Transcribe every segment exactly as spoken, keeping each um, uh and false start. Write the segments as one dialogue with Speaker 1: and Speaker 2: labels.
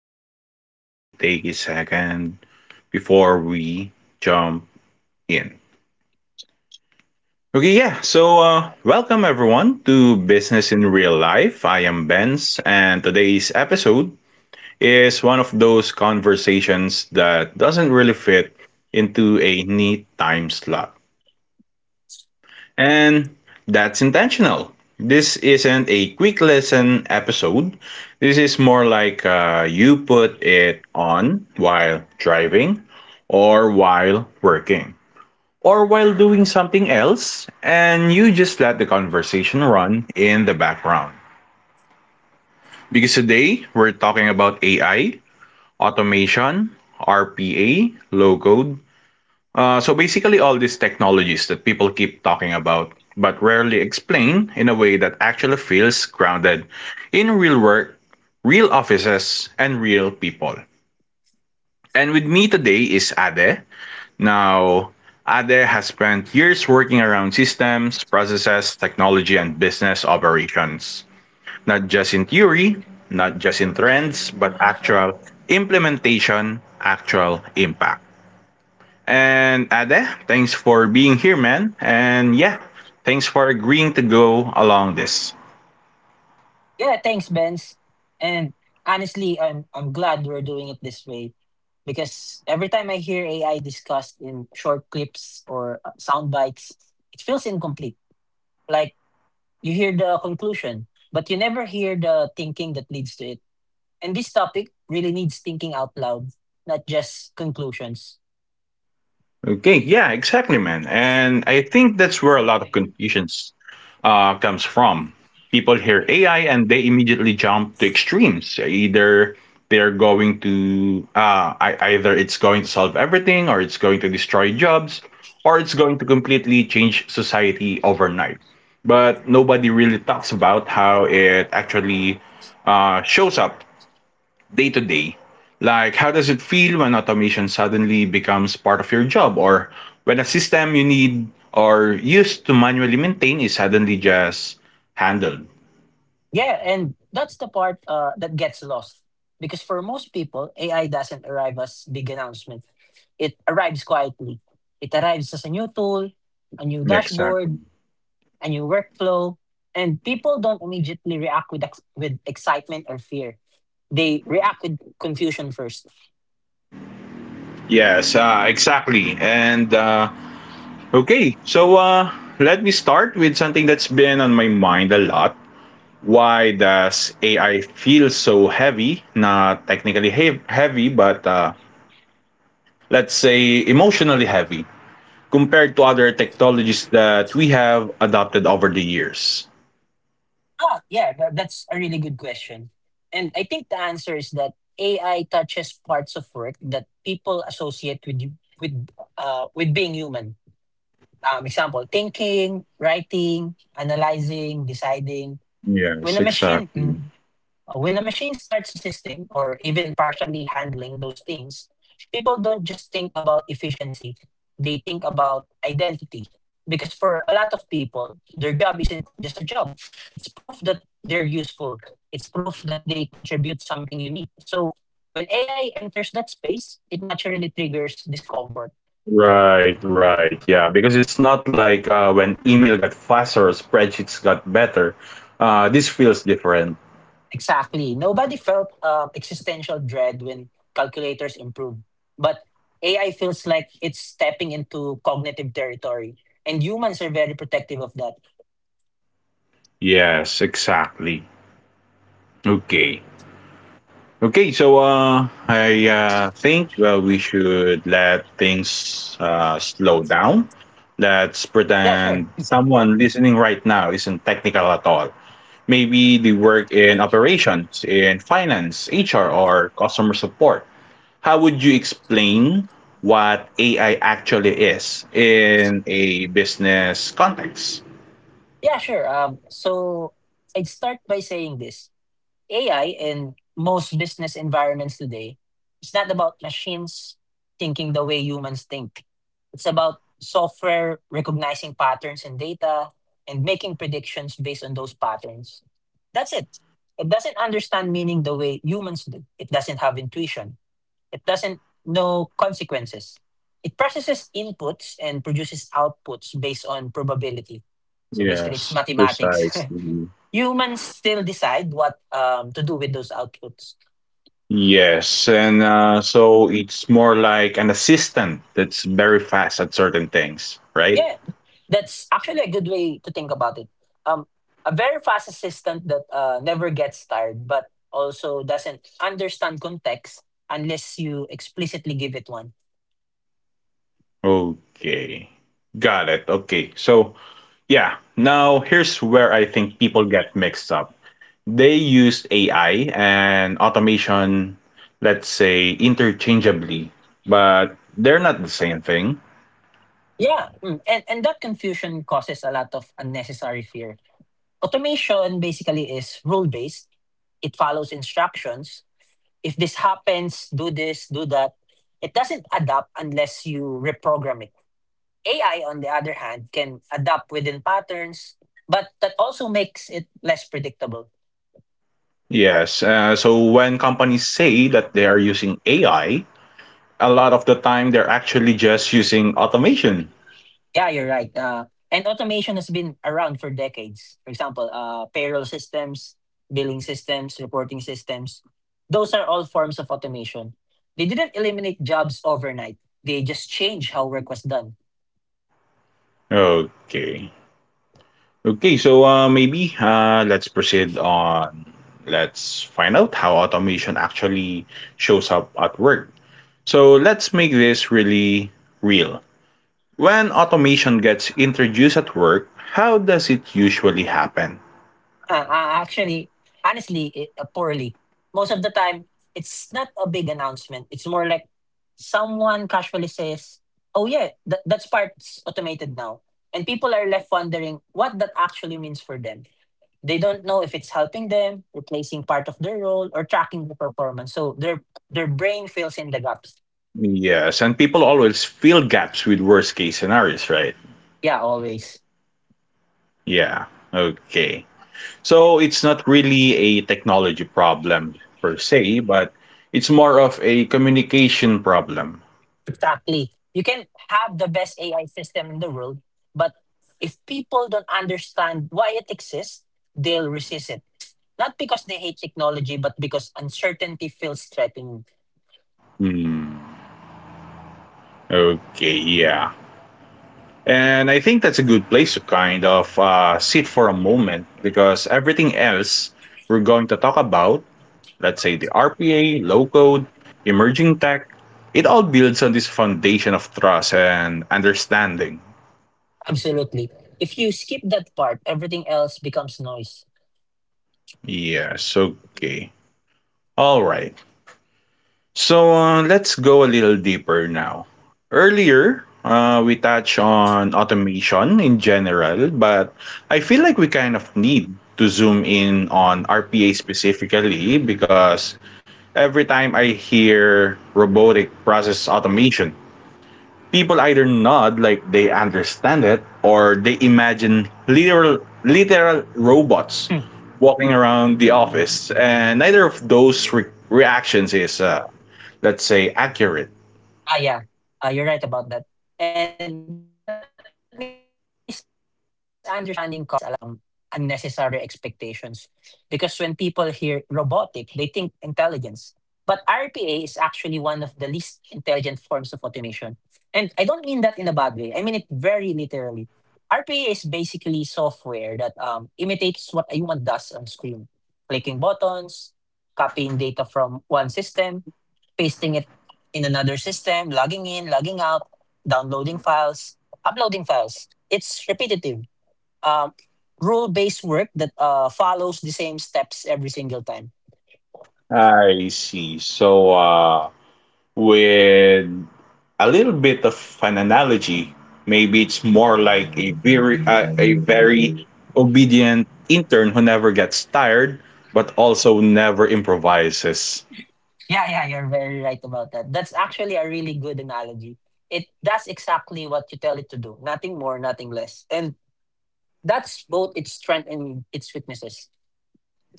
Speaker 1: let's actually take a second before we jump in. Okay, yeah. So uh welcome everyone to Business in Real Life. I am Benz, and today's episode is one of those conversations that doesn't really fit into a neat time slot. And that's intentional. This isn't a quick lesson episode. This is more like uh, you put it on while driving or while working or while doing something else, and you just let the conversation run in the background. Because today we're talking about A I, automation, R P A, low code, uh, so basically, all these technologies that people keep talking about but rarely explain in a way that actually feels grounded in real work, real offices, and real people. And with me today is Ade. Now, Ade has spent years working around systems, processes, technology, and business operations, not just in theory, not just in trends, but actual implementation, actual impact. And Ade, thanks for being here, man. And yeah, thanks for agreeing to go along this.
Speaker 2: Yeah, thanks, Benz. And honestly, I'm I'm glad we're doing it this way because every time I hear A I discussed in short clips or uh, sound bites, it feels incomplete. Like you hear the conclusion, but you never hear the thinking that leads to it. And this topic really needs thinking out loud, not just conclusions.
Speaker 1: Okay, yeah, exactly, man. And I think that's where a lot of confusions uh, comes from. People hear A I and they immediately jump to extremes. Either they're going to uh, I, either it's going to solve everything, or it's going to destroy jobs, or it's going to completely change society overnight. But nobody really talks about how it actually uh, shows up day to day. Like, how does it feel when automation suddenly becomes part of your job, or when a system you need or used to manually maintain is suddenly just handled?
Speaker 2: Yeah, and that's the part uh, that gets lost. Because for most people, A I doesn't arrive as big announcement. It arrives quietly. It arrives as a new tool, a new dashboard,
Speaker 1: Exactly.
Speaker 2: a new workflow, and people don't immediately react with ex- with excitement or fear. They react with confusion first.
Speaker 1: Yes, uh, exactly. And uh, okay, so uh, Let me start with something that's been on my mind a lot. Why does A I feel so heavy? Not technically he- heavy, but uh, let's say emotionally heavy, compared to other technologies that we have adopted over the years.
Speaker 2: Ah, yeah, tha- that's a really good question. And I think the answer is that A I touches parts of work that people associate with you- with uh, with being human. Um, example, thinking, writing, analyzing, deciding. When
Speaker 1: Yes,
Speaker 2: a machine,
Speaker 1: exactly.
Speaker 2: mm, uh, when a machine starts assisting or even partially handling those things, people don't just think about efficiency. They think about identity. Because for a lot of people, their job isn't just a job. It's proof that they're useful. It's proof that they contribute something unique. So when A I enters that space, it naturally triggers discomfort.
Speaker 1: Right, right. Yeah, because it's not like uh, when email got faster or spreadsheets got better. Uh, this feels different.
Speaker 2: Exactly. Nobody felt um, existential dread when calculators improved. But A I feels like it's stepping into cognitive territory, and humans are very protective of that.
Speaker 1: Yes, exactly. Okay. Okay, so uh, I uh, think uh, we should let things uh, slow down. Let's
Speaker 2: Yeah, sure.
Speaker 1: pretend someone listening right now isn't technical at all. Maybe they work in operations, in finance, H R, or customer support. How would you explain what A I actually is in a business context?
Speaker 2: Yeah, sure. Um, so I'd start by saying this. A I in most business environments today is not about machines thinking the way humans think. It's about software recognizing patterns in data and making predictions based on those patterns. That's it. It doesn't understand meaning the way humans do. It doesn't have intuition. It doesn't know consequences. It processes inputs and produces outputs based on probability. So basically, it's
Speaker 1: Yes,
Speaker 2: mathematics.
Speaker 1: precisely.
Speaker 2: Humans still decide what um, to do with those outputs.
Speaker 1: Yes, and uh, so it's more like an assistant that's very fast at certain things, right?
Speaker 2: Yeah, that's actually a good way to think about it. Um, a very fast assistant that uh, never gets tired, but also doesn't understand context unless you explicitly give it one.
Speaker 1: Okay, got it. Okay, so Yeah. Now, here's where I think people get mixed up. They use A I and automation, let's say, interchangeably, but they're not the same thing.
Speaker 2: Yeah, mm, and and that confusion causes a lot of unnecessary fear. Automation basically is rule based. It follows instructions, if this happens, do this, do that. It doesn't adapt unless you reprogram it. A I, on the other hand, can adapt within patterns, but that also makes it less predictable.
Speaker 1: Yes. Uh, so when companies say that they are using A I, a lot of the time they're actually just using automation.
Speaker 2: Yeah, you're right. Uh, and automation has been around for decades. For example, uh, payroll systems, billing systems, reporting systems. Those are all forms of automation. They didn't eliminate jobs overnight. They just changed how work was done.
Speaker 1: Okay. Okay. So uh, maybe uh, Let's proceed on. Let's find out how automation actually shows up at work. So let's make this really real. When automation gets introduced at work, how does it usually happen?
Speaker 2: Uh, uh, actually, Honestly, it, uh, poorly. Most of the time, it's not a big announcement. It's more like someone casually says, "Oh yeah, that that's part's automated now," and people are left wondering what that actually means for them. They don't know if it's helping them, replacing part of their role, or tracking the performance. So their their brain fills in the gaps.
Speaker 1: Yes, and people always fill gaps with worst case scenarios, right?
Speaker 2: Yeah, always.
Speaker 1: Yeah, okay. So it's not really a technology problem per se, but it's more of a communication problem.
Speaker 2: Exactly. You can have the best A I system in the world, but if people don't understand why it exists, they'll resist it. Not because they hate technology, but because uncertainty feels threatening.
Speaker 1: Hmm, okay, yeah. And I think that's a good place to kind of uh, sit for a moment, because everything else we're going to talk about, let's say the R P A, low code, emerging tech, it all builds on this foundation of trust and understanding.
Speaker 2: Absolutely. If you skip that part, everything else becomes noise.
Speaker 1: Yes, okay. All right. So uh, let's go a little deeper now. Earlier, uh, we touched on automation in general, but I feel like we kind of need to zoom in on R P A specifically, because every time I hear robotic process automation, people either nod like they understand it or they imagine literal literal robots
Speaker 2: Hmm.
Speaker 1: walking around the office, and neither of those re- reactions is, uh, let's say, accurate.
Speaker 2: Ah, yeah. Uh, you're right about that. And that misunderstanding causes a lot of um, unnecessary expectations because when people hear robotic, they think intelligence. But R P A is actually one of the least intelligent forms of automation. And I don't mean that in a bad way. I mean it very literally. R P A is basically software that um, imitates what a human does on screen, clicking buttons, copying data from one system, pasting it in another system, logging in, logging out, downloading files, uploading files. It's repetitive, um, rule based work that uh, follows the same steps every single time.
Speaker 1: I see. So, uh, with a little bit of an analogy, maybe it's more like a very uh, a very obedient intern who never gets tired but also never improvises.
Speaker 2: Yeah, yeah, you're very right about that. That's actually a really good analogy. It does exactly what you tell it to do, nothing more, nothing less. And that's both its strength and its weaknesses.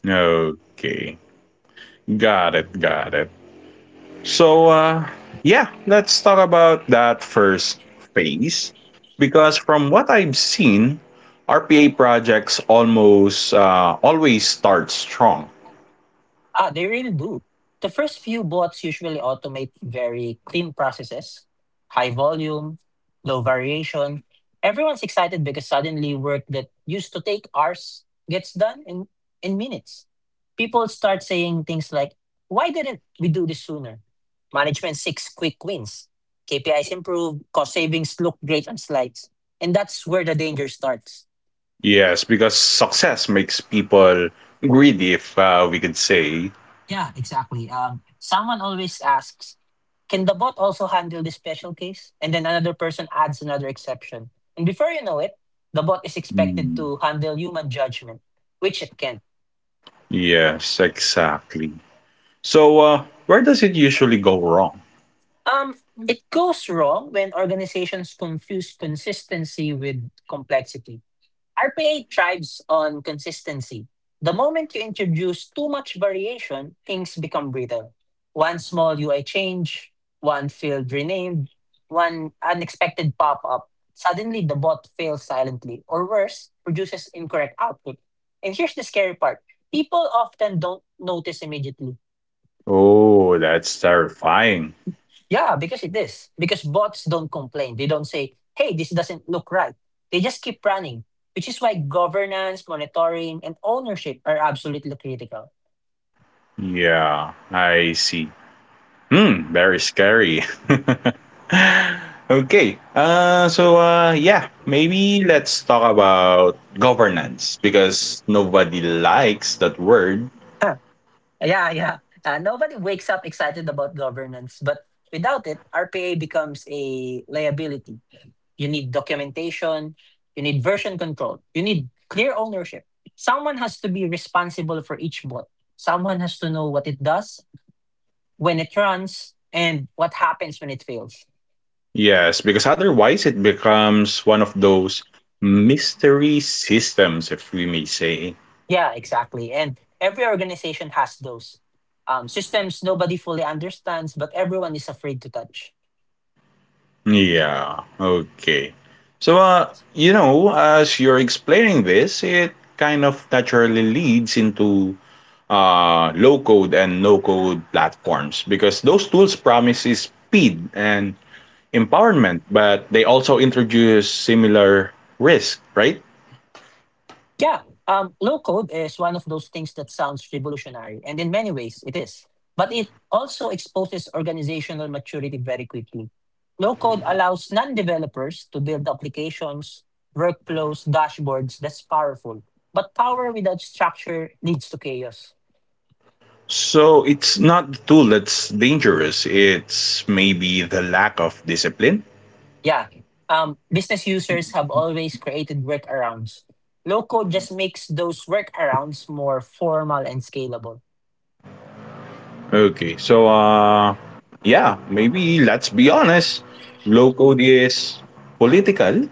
Speaker 1: Okay. Got it, got it. So, uh, yeah, let's talk about that first phase. Because from what I've seen, R P A projects almost uh, always start strong.
Speaker 2: Ah, they really do. The first few bots usually automate very clean processes, high volume, low variation. Everyone's excited because suddenly work that used to take hours gets done in, in minutes. People start saying things like, why didn't we do this sooner? Management seeks quick wins. K P Is improve, cost savings look great on slides. And that's where the danger starts.
Speaker 1: Yes, because success makes people greedy, if uh, we could say.
Speaker 2: Yeah, exactly. Um, someone always asks, can the bot also handle this special case? And then another person adds another exception. And before you know it, the bot is expected
Speaker 1: Mm.
Speaker 2: to handle human judgment, which it can't.
Speaker 1: Yes, exactly. So, uh, where does it usually go wrong?
Speaker 2: Um, it goes wrong when organizations confuse consistency with complexity. R P A thrives on consistency. The moment you introduce too much variation, things become brittle. One small U I change, one field renamed, one unexpected pop up. Suddenly, the bot fails silently, or worse, produces incorrect output. And here's the scary part people often don't notice immediately.
Speaker 1: Oh, that's terrifying.
Speaker 2: Yeah, because it is. Because bots don't complain. They don't say, hey, this doesn't look right. They just keep running, which is why governance, monitoring, and ownership are absolutely critical.
Speaker 1: Yeah, I see. Hmm, very scary. Okay. Uh, so uh, yeah, maybe let's talk about governance, because nobody likes that word.
Speaker 2: Huh. yeah, yeah. Uh, nobody wakes up excited about governance, but without it, R P A becomes a liability. You need documentation, you need version control, you need clear ownership. Someone has to be responsible for each bot, someone has to know what it does, when it runs, and what happens when it fails.
Speaker 1: Yes, because otherwise it becomes one of those mystery systems, if we may say.
Speaker 2: Yeah, exactly. And every organization has those um, systems nobody fully understands, but everyone is afraid to touch.
Speaker 1: Yeah. Okay. So uh, you know, as you're explaining this, it kind of naturally leads into uh, low code and no code platforms, because those tools promise is speed and empowerment, but they also introduce similar risk, right?
Speaker 2: Yeah, um, low code is one of those things that sounds revolutionary, and in many ways it is. But it also exposes organizational maturity very quickly. Low code allows non developers to build applications, workflows, dashboards that's powerful. But power without structure leads to chaos.
Speaker 1: So it's not the tool that's dangerous. It's maybe the lack of discipline.
Speaker 2: Yeah. Um, business users have always created workarounds. Low code just makes those workarounds more formal and scalable.
Speaker 1: Okay, so uh, yeah, maybe let's be honest. Low code is political.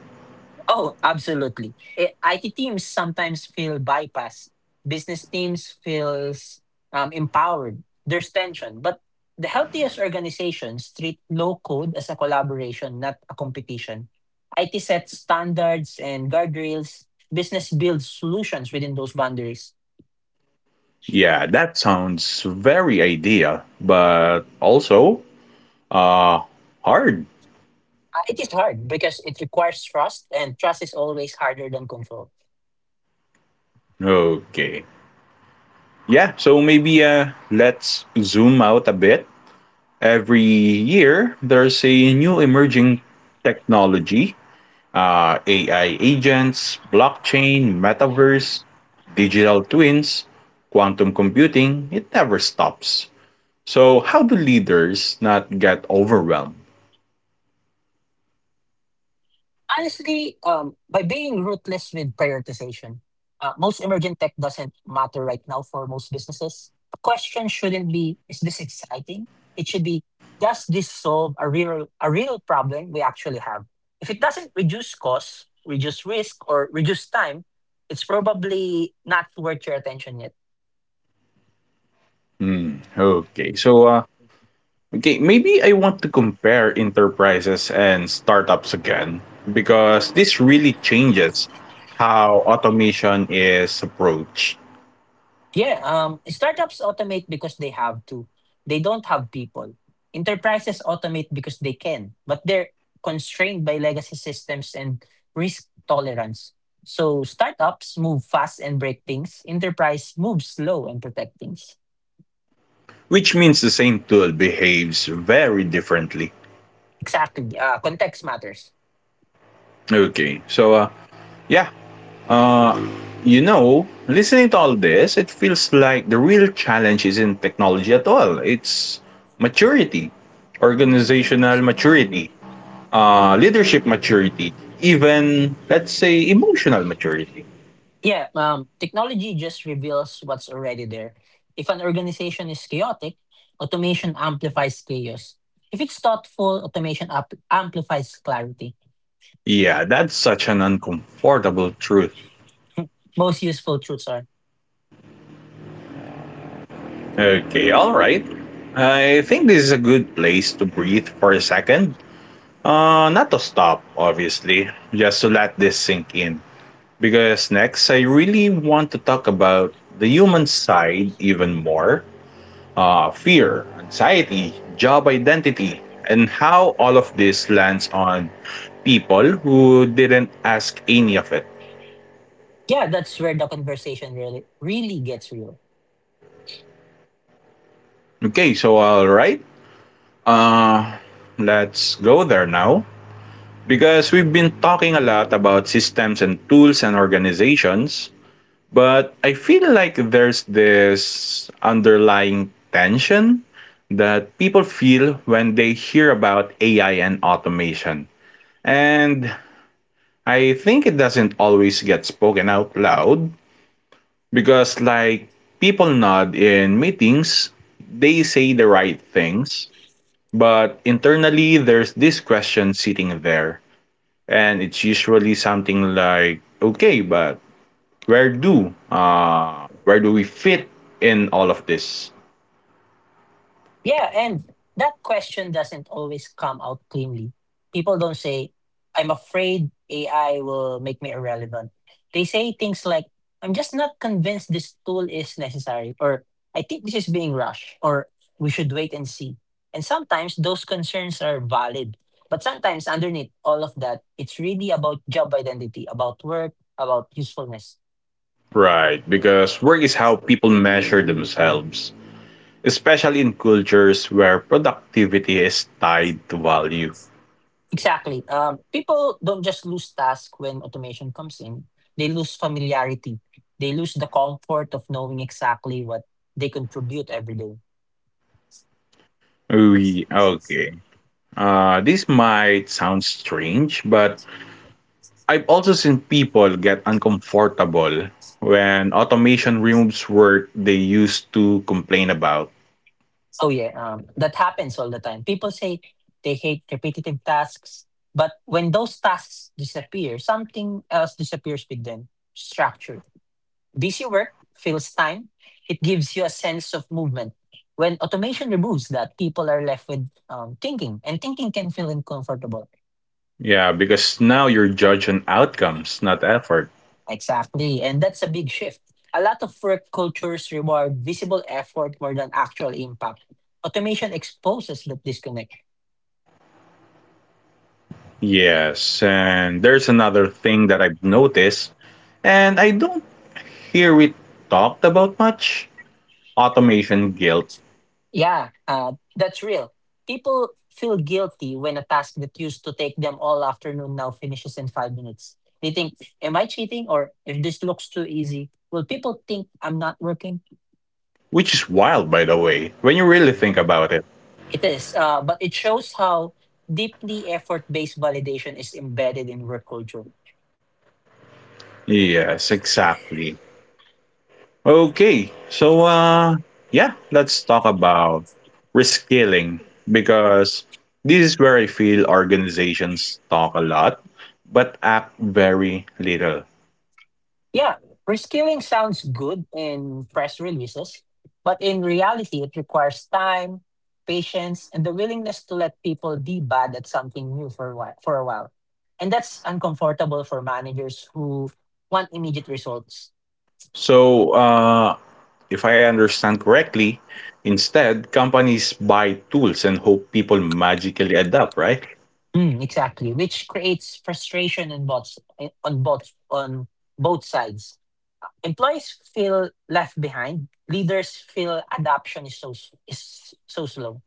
Speaker 2: Oh, absolutely. I- IT teams sometimes feel bypassed. Business teams feels um, empowered. There's tension, but the healthiest organizations treat low code as a collaboration, not a competition. I T sets standards and guardrails. Business builds solutions within those boundaries.
Speaker 1: Yeah, that sounds very ideal, but also uh, hard.
Speaker 2: Uh, It is hard because it requires trust, and trust is always harder than control.
Speaker 1: Okay. Yeah, so maybe uh, let's zoom out a bit. Every year, there's a new emerging technology, uh, A I agents, blockchain, metaverse, digital twins, quantum computing. It never stops. So, how do leaders not get overwhelmed?
Speaker 2: Honestly, um, by being ruthless with prioritization, uh, most emergent tech doesn't matter right now for most businesses. The question shouldn't be, is this exciting? It should be, does this solve a real, a real problem we actually have? If it doesn't reduce costs, reduce risk, or reduce time, it's probably not worth your attention yet.
Speaker 1: Hmm, okay, so uh, okay, maybe I want to compare enterprises and startups again, because this really changes how automation is approached.
Speaker 2: Yeah, um, startups automate because they have to. They don't have people. Enterprises automate because they can, but they're constrained by legacy systems and risk tolerance. So startups move fast and break things. Enterprise moves slow and protect things.
Speaker 1: Which means the same tool behaves very differently.
Speaker 2: Exactly. Uh, context matters.
Speaker 1: Okay, so uh, yeah, you know, listening to all this, it feels like the real challenge isn't technology at all. It's maturity, organizational maturity, uh, leadership maturity, even, let's say, emotional maturity.
Speaker 2: Yeah, um, technology just reveals what's already there. If an organization is chaotic, automation amplifies chaos. If it's thoughtful, automation up- amplifies clarity.
Speaker 1: Yeah, that's such an uncomfortable truth.
Speaker 2: Most useful truths are.
Speaker 1: Okay, all right. I think this is a good place to breathe for a second. Uh, not to stop, obviously, just to let this sink in. Because next, I really want to talk about the human side even more, uh, fear, anxiety, job identity, and how all of this lands on people who didn't ask any of it.
Speaker 2: Yeah, that's where the conversation really really gets real.
Speaker 1: Okay, so all right, uh, let's go there now. Because we've been talking a lot about systems and tools and organizations, but I feel like there's this underlying tension that people feel when they hear about A I and automation. And I think it doesn't always get spoken out loud because, like, people nod in meetings, they say the right things, but internally there's this question sitting there. And it's usually something like, okay, but where do uh where do we fit in all of this?
Speaker 2: Yeah, and that question doesn't always come out cleanly. People don't say, I'm afraid A I will make me irrelevant. They say things like, I'm just not convinced this tool is necessary, or I think this is being rushed, or we should wait and see. And sometimes those concerns are valid. But sometimes underneath all of that, it's really about job identity, about work, about usefulness.
Speaker 1: Right, because work is how people measure themselves, especially in cultures where productivity is tied to value.
Speaker 2: Exactly. Um, people don't just lose task when automation comes in. They lose familiarity. They lose the comfort of knowing exactly what they contribute every day.
Speaker 1: We, okay. Uh, this might sound strange, but I've also seen people get uncomfortable when automation removes work they used to complain about.
Speaker 2: Oh yeah, um, that happens all the time. People say they hate repetitive tasks, but when those tasks disappear, something else disappears with them. Structure. Busy work fills time. It gives you a sense of movement. When automation removes that, people are left with um, thinking, and thinking can feel uncomfortable.
Speaker 1: Yeah, because now you're judging outcomes, not effort.
Speaker 2: Exactly. And that's a big shift. A lot of work cultures reward visible effort more than actual impact. Automation exposes that disconnect.
Speaker 1: Yes, and there's another thing that I've noticed, and I don't hear it talked about much, automation guilt,
Speaker 2: Yeah, uh, that's real. People feel guilty when a task that used to take them all afternoon now finishes in five minutes. They think, "Am I cheating?" Or if this looks too easy, will people think I'm not working?
Speaker 1: which is wild, by the way, when you really think about it.
Speaker 2: It is, uh, but it shows how deeply effort-based validation is embedded in work culture.
Speaker 1: Yes, exactly. Okay, so, uh, yeah, let's talk about reskilling, because this is where I feel organizations talk a lot but act very little.
Speaker 2: Yeah, reskilling sounds good in press releases, but in reality, it requires time, patience, and the willingness to let people be bad at something new for a while. For a while. And that's uncomfortable for managers who want immediate results.
Speaker 1: So, uh, if I understand correctly, instead, companies buy tools and hope people magically adapt, right?
Speaker 2: Mm, exactly, which creates frustration on both on both on both sides. Employees feel left behind. Leaders feel adoption is so s- is so slow.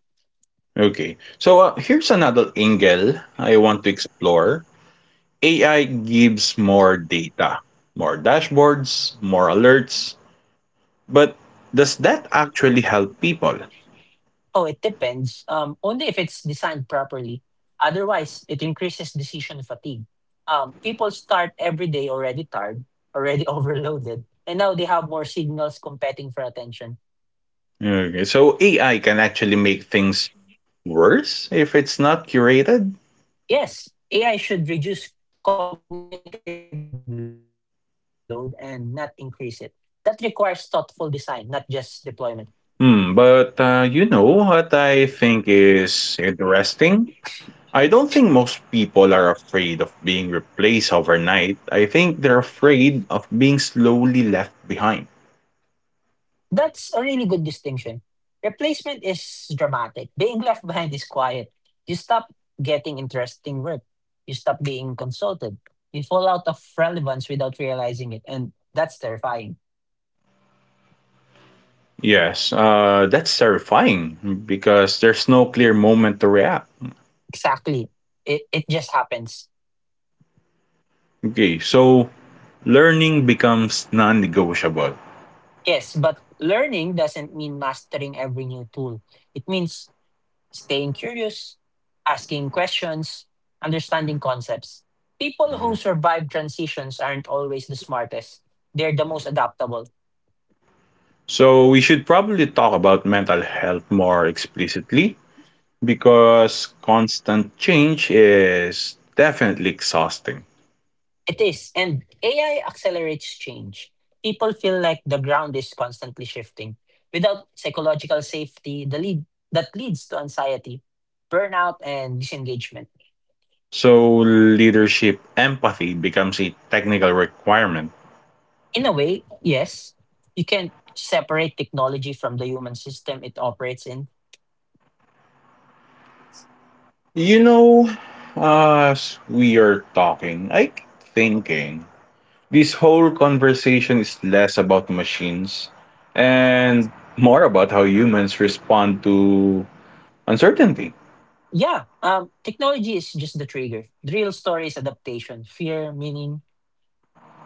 Speaker 1: Okay. So uh, here's another angle I want to explore. A I gives more data, more dashboards, more alerts, but does that actually help people?
Speaker 2: Oh, it depends. Um, only if it's designed properly. Otherwise, it increases decision fatigue. Um, people start every day already tired, already overloaded, and now they have more signals competing for attention.
Speaker 1: Okay. So A I can actually make things worse if it's not curated?
Speaker 2: Yes, A I should reduce cognitive load and not increase it. That requires thoughtful design, not just deployment.
Speaker 1: Hmm, but uh, you know what I think is interesting? I don't think most people are afraid of being replaced overnight. I think they're afraid of being slowly left behind.
Speaker 2: That's a really good distinction. Replacement is dramatic. Being left behind is quiet. You stop getting interesting work. You stop being consulted. You fall out of relevance without realizing it. And that's terrifying.
Speaker 1: Yes, uh, that's terrifying because there's no clear moment to react.
Speaker 2: Exactly. It, it just happens.
Speaker 1: Okay, so learning becomes non negotiable.
Speaker 2: Yes, but learning doesn't mean mastering every new tool. It means staying curious, asking questions, understanding concepts. People who survive transitions aren't always the smartest, they're the most adaptable.
Speaker 1: So we should probably talk about mental health more explicitly, because constant change is definitely exhausting.
Speaker 2: It is. And A I accelerates change. People feel like the ground is constantly shifting. Without psychological safety, the lead that leads to anxiety, burnout, and disengagement.
Speaker 1: So leadership empathy becomes a technical requirement.
Speaker 2: In a way, yes, you can separate technology from the human system it operates in.
Speaker 1: You know, as we are talking, I keep thinking this whole conversation is less about machines and more about how humans respond to uncertainty,
Speaker 2: Yeah, um, technology is just the trigger. The real story is adaptation, fear, meaning.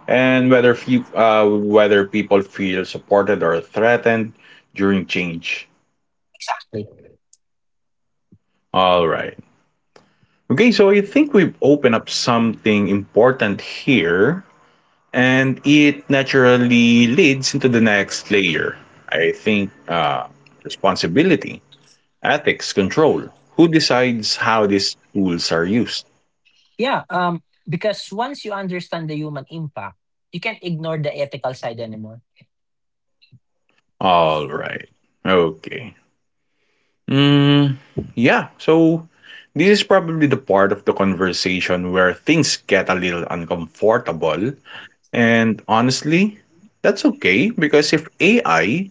Speaker 1: and whether few, uh, whether people feel supported or threatened during change.
Speaker 2: Exactly.
Speaker 1: All right. Okay, so I think we've opened up something important here, and it naturally leads into the next layer. I think uh, responsibility, ethics, control. Who decides how these tools are used?
Speaker 2: Yeah, um, because once you understand the human impact, you can't ignore the ethical side anymore.
Speaker 1: All right. Okay. Mm, yeah. So this is probably the part of the conversation where things get a little uncomfortable. And honestly, that's okay, because if A I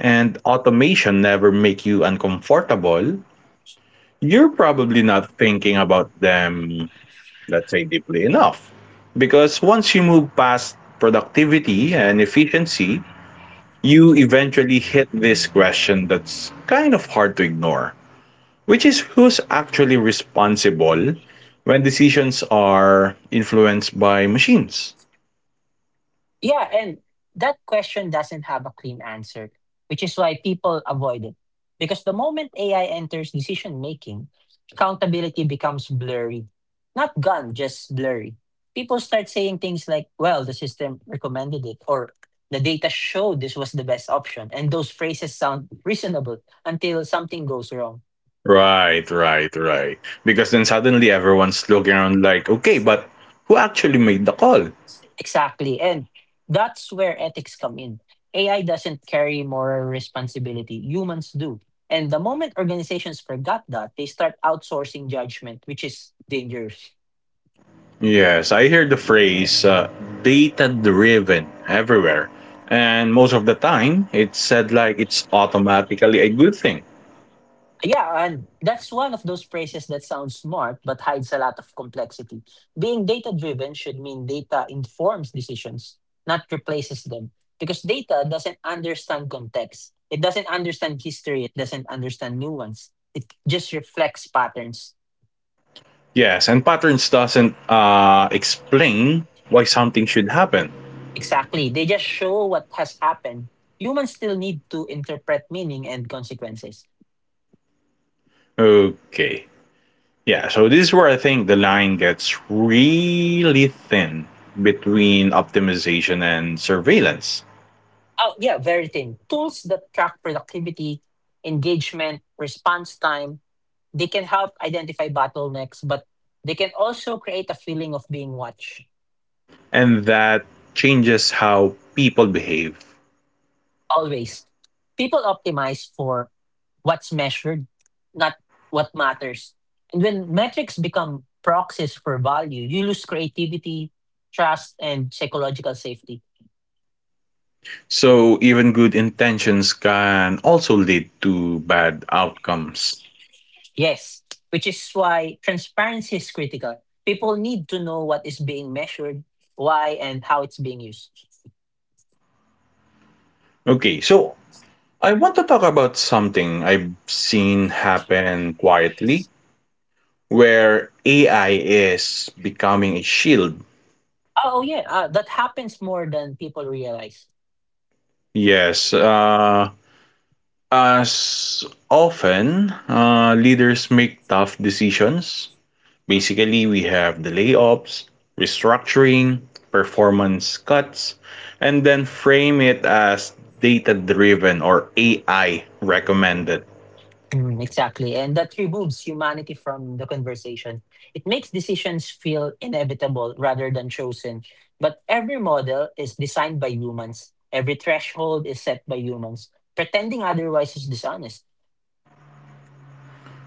Speaker 1: and automation never make you uncomfortable, you're probably not thinking about them, let's say, deeply enough. Because once you move past productivity and efficiency, you eventually hit this question that's kind of hard to ignore, which is who's actually responsible when decisions are influenced by machines?
Speaker 2: Yeah, and that question doesn't have a clean answer, which is why people avoid it. Because the moment A I enters decision making, accountability becomes blurry. Not gone, just blurry. People start saying things like, well, the system recommended it, or the data showed this was the best option. And those phrases sound reasonable until something goes wrong.
Speaker 1: Right, right, right. Because then suddenly everyone's looking around like, okay, but who actually made the call?
Speaker 2: Exactly. And that's where ethics come in. A I doesn't carry moral responsibility, humans do. And the moment organizations forgot that, they start outsourcing judgment, which is dangerous.
Speaker 1: Yes, I hear the phrase uh, data driven everywhere. And most of the time, it's said like it's automatically a good thing.
Speaker 2: Yeah, and that's one of those phrases that sounds smart but hides a lot of complexity. Being data driven should mean data informs decisions, not replaces them. Because data doesn't understand context, it doesn't understand history, it doesn't understand nuance, it just reflects patterns.
Speaker 1: Yes, and patterns doesn't uh, explain why something should happen.
Speaker 2: Exactly. They just show what has happened. Humans still need to interpret meaning and consequences.
Speaker 1: Okay. Yeah, so this is where I think the line gets really thin between optimization and surveillance.
Speaker 2: Oh, yeah, very thin. Tools that track productivity, engagement, response time, they can help identify bottlenecks, but they can also create a feeling of being watched.
Speaker 1: And that changes how people behave.
Speaker 2: Always. People optimize for what's measured, not what matters. And when metrics become proxies for value, you lose creativity, trust, and psychological safety.
Speaker 1: So even good intentions can also lead to bad outcomes.
Speaker 2: Yes, which is why transparency is critical. People need to know what is being measured, why, and how it's being used.
Speaker 1: Okay, so I want to talk about something I've seen happen quietly where A I is becoming a shield.
Speaker 2: Oh, yeah, uh, that happens more than people realize.
Speaker 1: Yes, uh, as often uh, leaders make tough decisions. Basically, we have the layoffs, restructuring, performance cuts, and then frame it as data driven or A I recommended.
Speaker 2: Mm, exactly. And that removes humanity from the conversation. It makes decisions feel inevitable rather than chosen. But every model is designed by humans, every threshold is set by humans. Pretending otherwise is dishonest.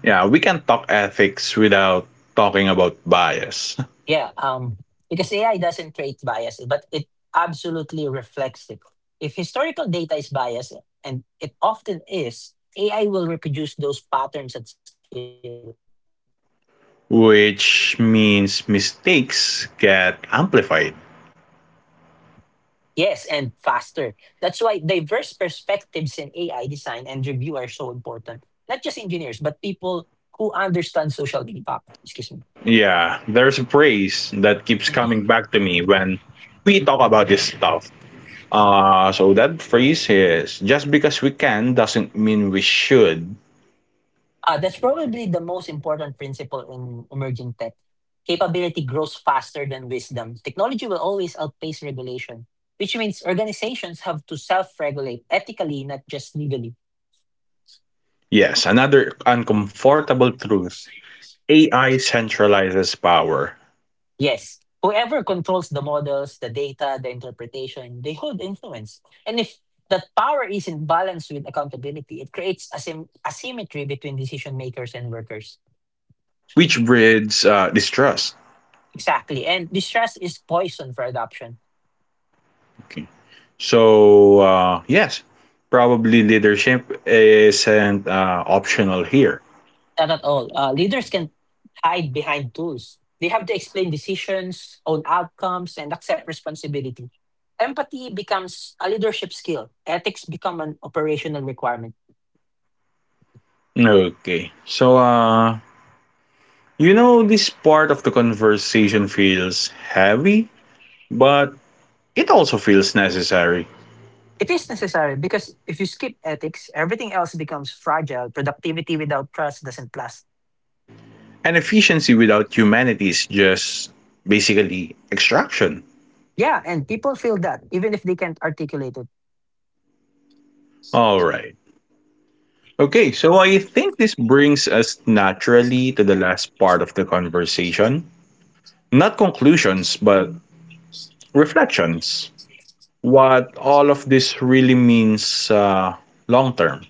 Speaker 1: Yeah, we can talk ethics without talking about bias,
Speaker 2: Yeah, um, because A I doesn't create bias, but it absolutely reflects it. If historical data is biased, and it often is, A I will reproduce those patterns at scale.
Speaker 1: which means mistakes get amplified.
Speaker 2: Yes, and faster. That's why diverse perspectives in A I design and review are so important. Not just engineers, but people who understand social impact. Excuse me.
Speaker 1: Yeah, there's a phrase that keeps coming back to me when we talk about this stuff. Uh, so that phrase is just because we can doesn't mean we should.
Speaker 2: Uh, that's probably the most important principle in emerging tech. Capability grows faster than wisdom. Technology will always outpace regulation, which means organizations have to self regulate ethically, not just legally.
Speaker 1: Yes, another uncomfortable truth: A I centralizes power,
Speaker 2: Yes, whoever controls the models, the data, the interpretation, they hold influence. And if that power isn't balanced with accountability, it creates asymm- asymmetry between decision makers and workers.
Speaker 1: which breeds uh, distrust.
Speaker 2: Exactly. And distrust is poison for adoption.
Speaker 1: Okay. So, uh, yes, probably leadership isn't uh, optional here.
Speaker 2: Not at all. Uh, leaders can hide behind tools. They have to explain decisions, own outcomes, and accept responsibility. Empathy becomes a leadership skill. Ethics become an operational requirement.
Speaker 1: Okay. So, uh, you know, this part of the conversation feels heavy, but it also feels necessary.
Speaker 2: It is necessary because if you skip ethics, everything else becomes fragile. Productivity without trust doesn't last.
Speaker 1: And efficiency without humanity is just basically extraction.
Speaker 2: Yeah, and people feel that even if they can't articulate it.
Speaker 1: All right. Okay, so I think this brings us naturally to the last part of the conversation. Not conclusions, but reflections. What all of this really means uh, long term.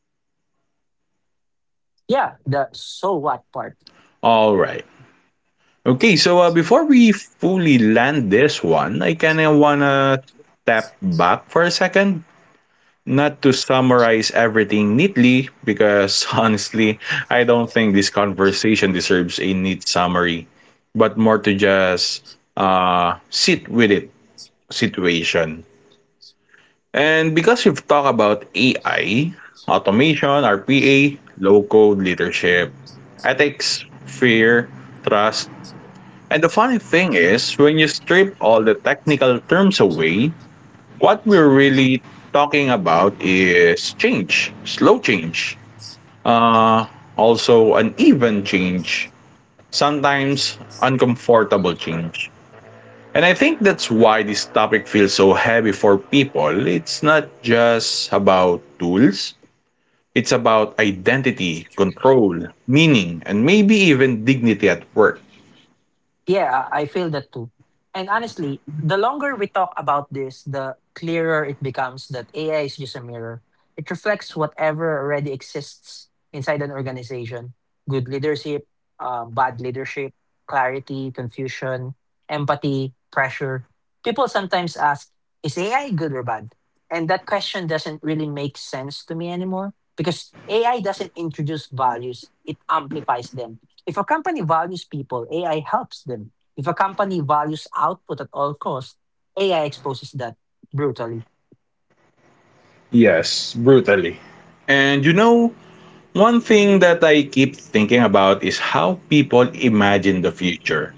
Speaker 2: Yeah, the so what part.
Speaker 1: All right. Okay, so uh, before we fully land this one, I kind of want to step back for a second. Not to summarize everything neatly, because honestly, I don't think this conversation deserves a neat summary, but more to just uh, sit with it situation. And because we've talked about A I, automation, R P A, low code leadership, ethics, fear, trust. And the funny thing is, when you strip all the technical terms away, what we're really talking about is change, slow change, uh, also uneven change, sometimes uncomfortable change. And I think that's why this topic feels so heavy for people. It's not just about tools, it's about identity, control, meaning, and maybe even dignity at work.
Speaker 2: Yeah, I feel that too. And honestly, the longer we talk about this, the clearer it becomes that A I is just a mirror. It reflects whatever already exists inside an organization: good leadership, uh, bad leadership, clarity, confusion, empathy, pressure. People sometimes ask, is A I good or bad? And that question doesn't really make sense to me anymore because A I doesn't introduce values, it amplifies them. If a company values people, A I helps them. If a company values output at all costs, A I exposes that brutally.
Speaker 1: Yes, brutally. And you know, One thing that I keep thinking about is how people imagine the future.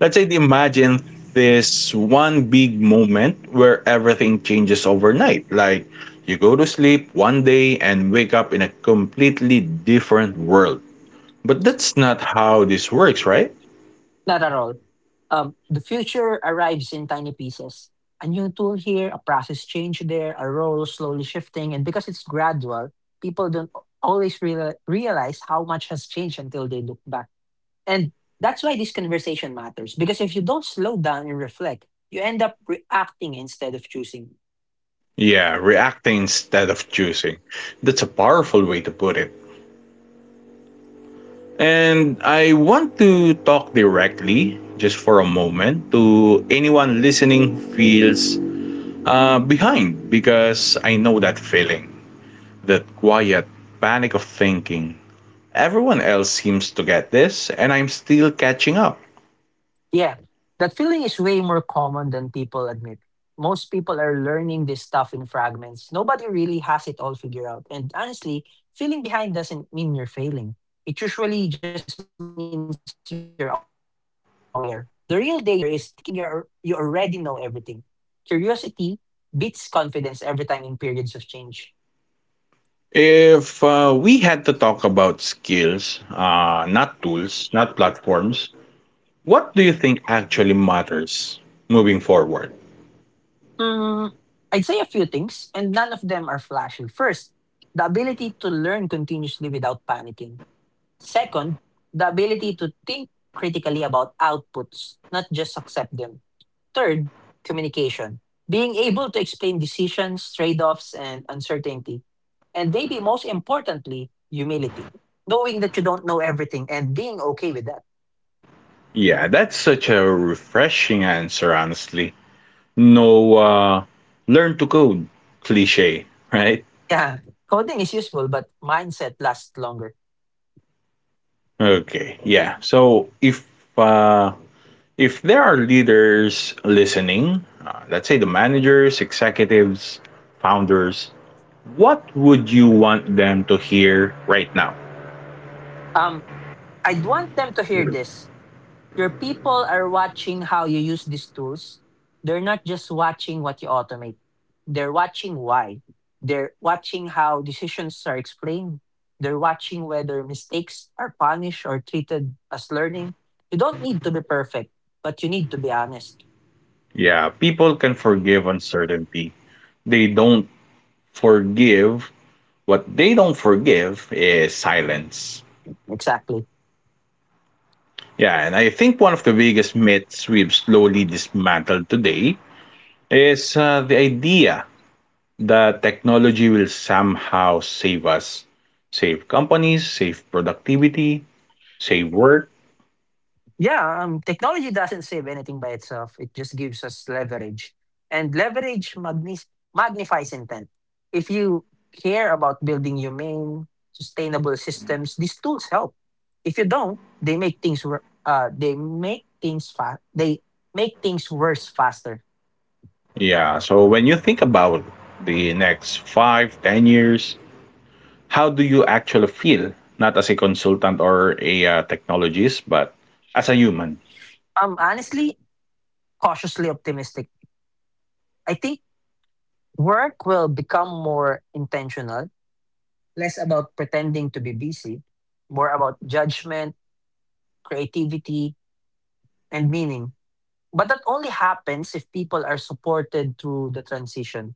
Speaker 1: Let's say they imagine this one big moment where everything changes overnight. Like you go to sleep one day and wake up in a completely different world. But that's not how this works, right?
Speaker 2: Not at all. Um, the future arrives in tiny pieces. A new tool here, a process change there, a role slowly shifting, and because it's gradual, people don't always real- realize how much has changed until they look back. And that's why this conversation matters because if you don't slow down and reflect, you end up reacting instead of choosing.
Speaker 1: Yeah, reacting instead of choosing. That's a powerful way to put it. And I want to talk directly, just for a moment, to anyone listening who feels uh, behind, because I know that feeling, that quiet panic of thinking. Everyone else seems to get this, and I'm still catching up.
Speaker 2: Yeah, that feeling is way more common than people admit. Most people are learning this stuff in fragments. Nobody really has it all figured out. And honestly, feeling behind doesn't mean you're failing. It usually just means you're aware. The real danger is thinking you're you already know everything. Curiosity beats confidence every time in periods of change.
Speaker 1: If uh, we had to talk about skills, uh, not tools, not platforms, what do you think actually matters moving forward?
Speaker 2: Mm, I'd say a few things, and none of them are flashy. First, the ability to learn continuously without panicking. Second, the ability to think critically about outputs, not just accept them. Third, communication, being able to explain decisions, trade offs, and uncertainty. And maybe most importantly, humility, knowing that you don't know everything and being okay with that.
Speaker 1: Yeah, that's such a refreshing answer, honestly. No uh, learn to code cliche, right?
Speaker 2: Yeah, coding is useful, but mindset lasts longer.
Speaker 1: Okay, yeah. So if uh, if there are leaders listening, uh, let's say the managers, executives, founders, what would you want them to hear right now?
Speaker 2: Um, I'd want them to hear this. Your people are watching how you use these tools. They're not just watching what you automate, they're watching why. They're watching how decisions are explained. They're watching whether mistakes are punished or treated as learning. You don't need to be perfect, but you need to be honest.
Speaker 1: Yeah, people can forgive uncertainty. They don't forgive. What they don't forgive is silence.
Speaker 2: Exactly.
Speaker 1: Yeah, and I think one of the biggest myths we've slowly dismantled today is uh, the idea that technology will somehow save us, save companies, save productivity, save work.
Speaker 2: Yeah, um, technology doesn't save anything by itself. It just gives us leverage. And leverage magnis- magnifies intent. If you care about building humane, sustainable systems, these tools help. If you don't, they make things wor- uh they make things fa- they make things worse faster.
Speaker 1: Yeah. So when you think about the next five, ten years, how do you actually feel? Not as a consultant or a uh, technologist, but as a human.
Speaker 2: I'm honestly cautiously optimistic. I think work will become more intentional, less about pretending to be busy, more about judgment, creativity, and meaning. But that only happens if people are supported through the transition.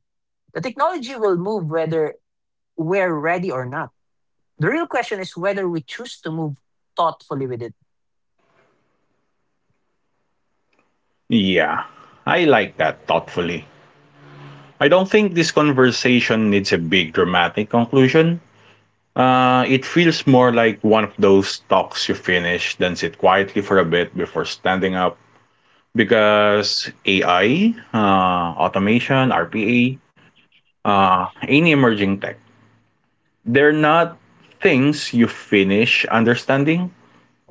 Speaker 2: The technology will move whether we're ready or not. The real question is whether we choose to move thoughtfully with it.
Speaker 1: Yeah, I like that thoughtfully. I don't think this conversation needs a big dramatic conclusion. Uh, it feels more like one of those talks you finish, then sit quietly for a bit before standing up. Because A I, uh, automation, R P A, any emerging tech, they're not things you finish understanding.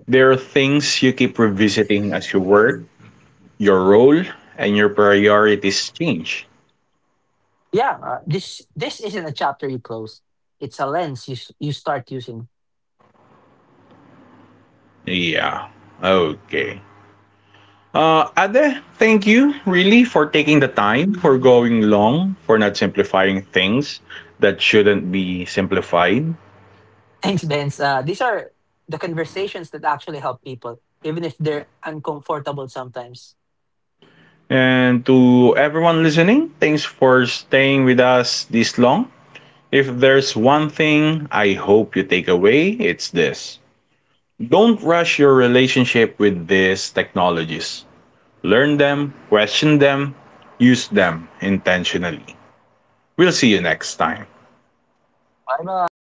Speaker 1: They're things you keep revisiting as you work, your role, and your priorities change.
Speaker 2: Yeah, uh, this this isn't a chapter you close. It's a lens you s- you start using.
Speaker 1: Yeah, okay. Uh, Ade, thank you really for taking the time, for going long, for not simplifying things that shouldn't be simplified.
Speaker 2: Thanks, Benz. Uh, these are the conversations that actually help people, even if they're uncomfortable sometimes.
Speaker 1: And to everyone listening, thanks for staying with us this long. If there's one thing I hope you take away, it's this. Don't rush your relationship with these technologies. Learn them, question them, use them intentionally. We'll see you next time.
Speaker 2: Bye bye.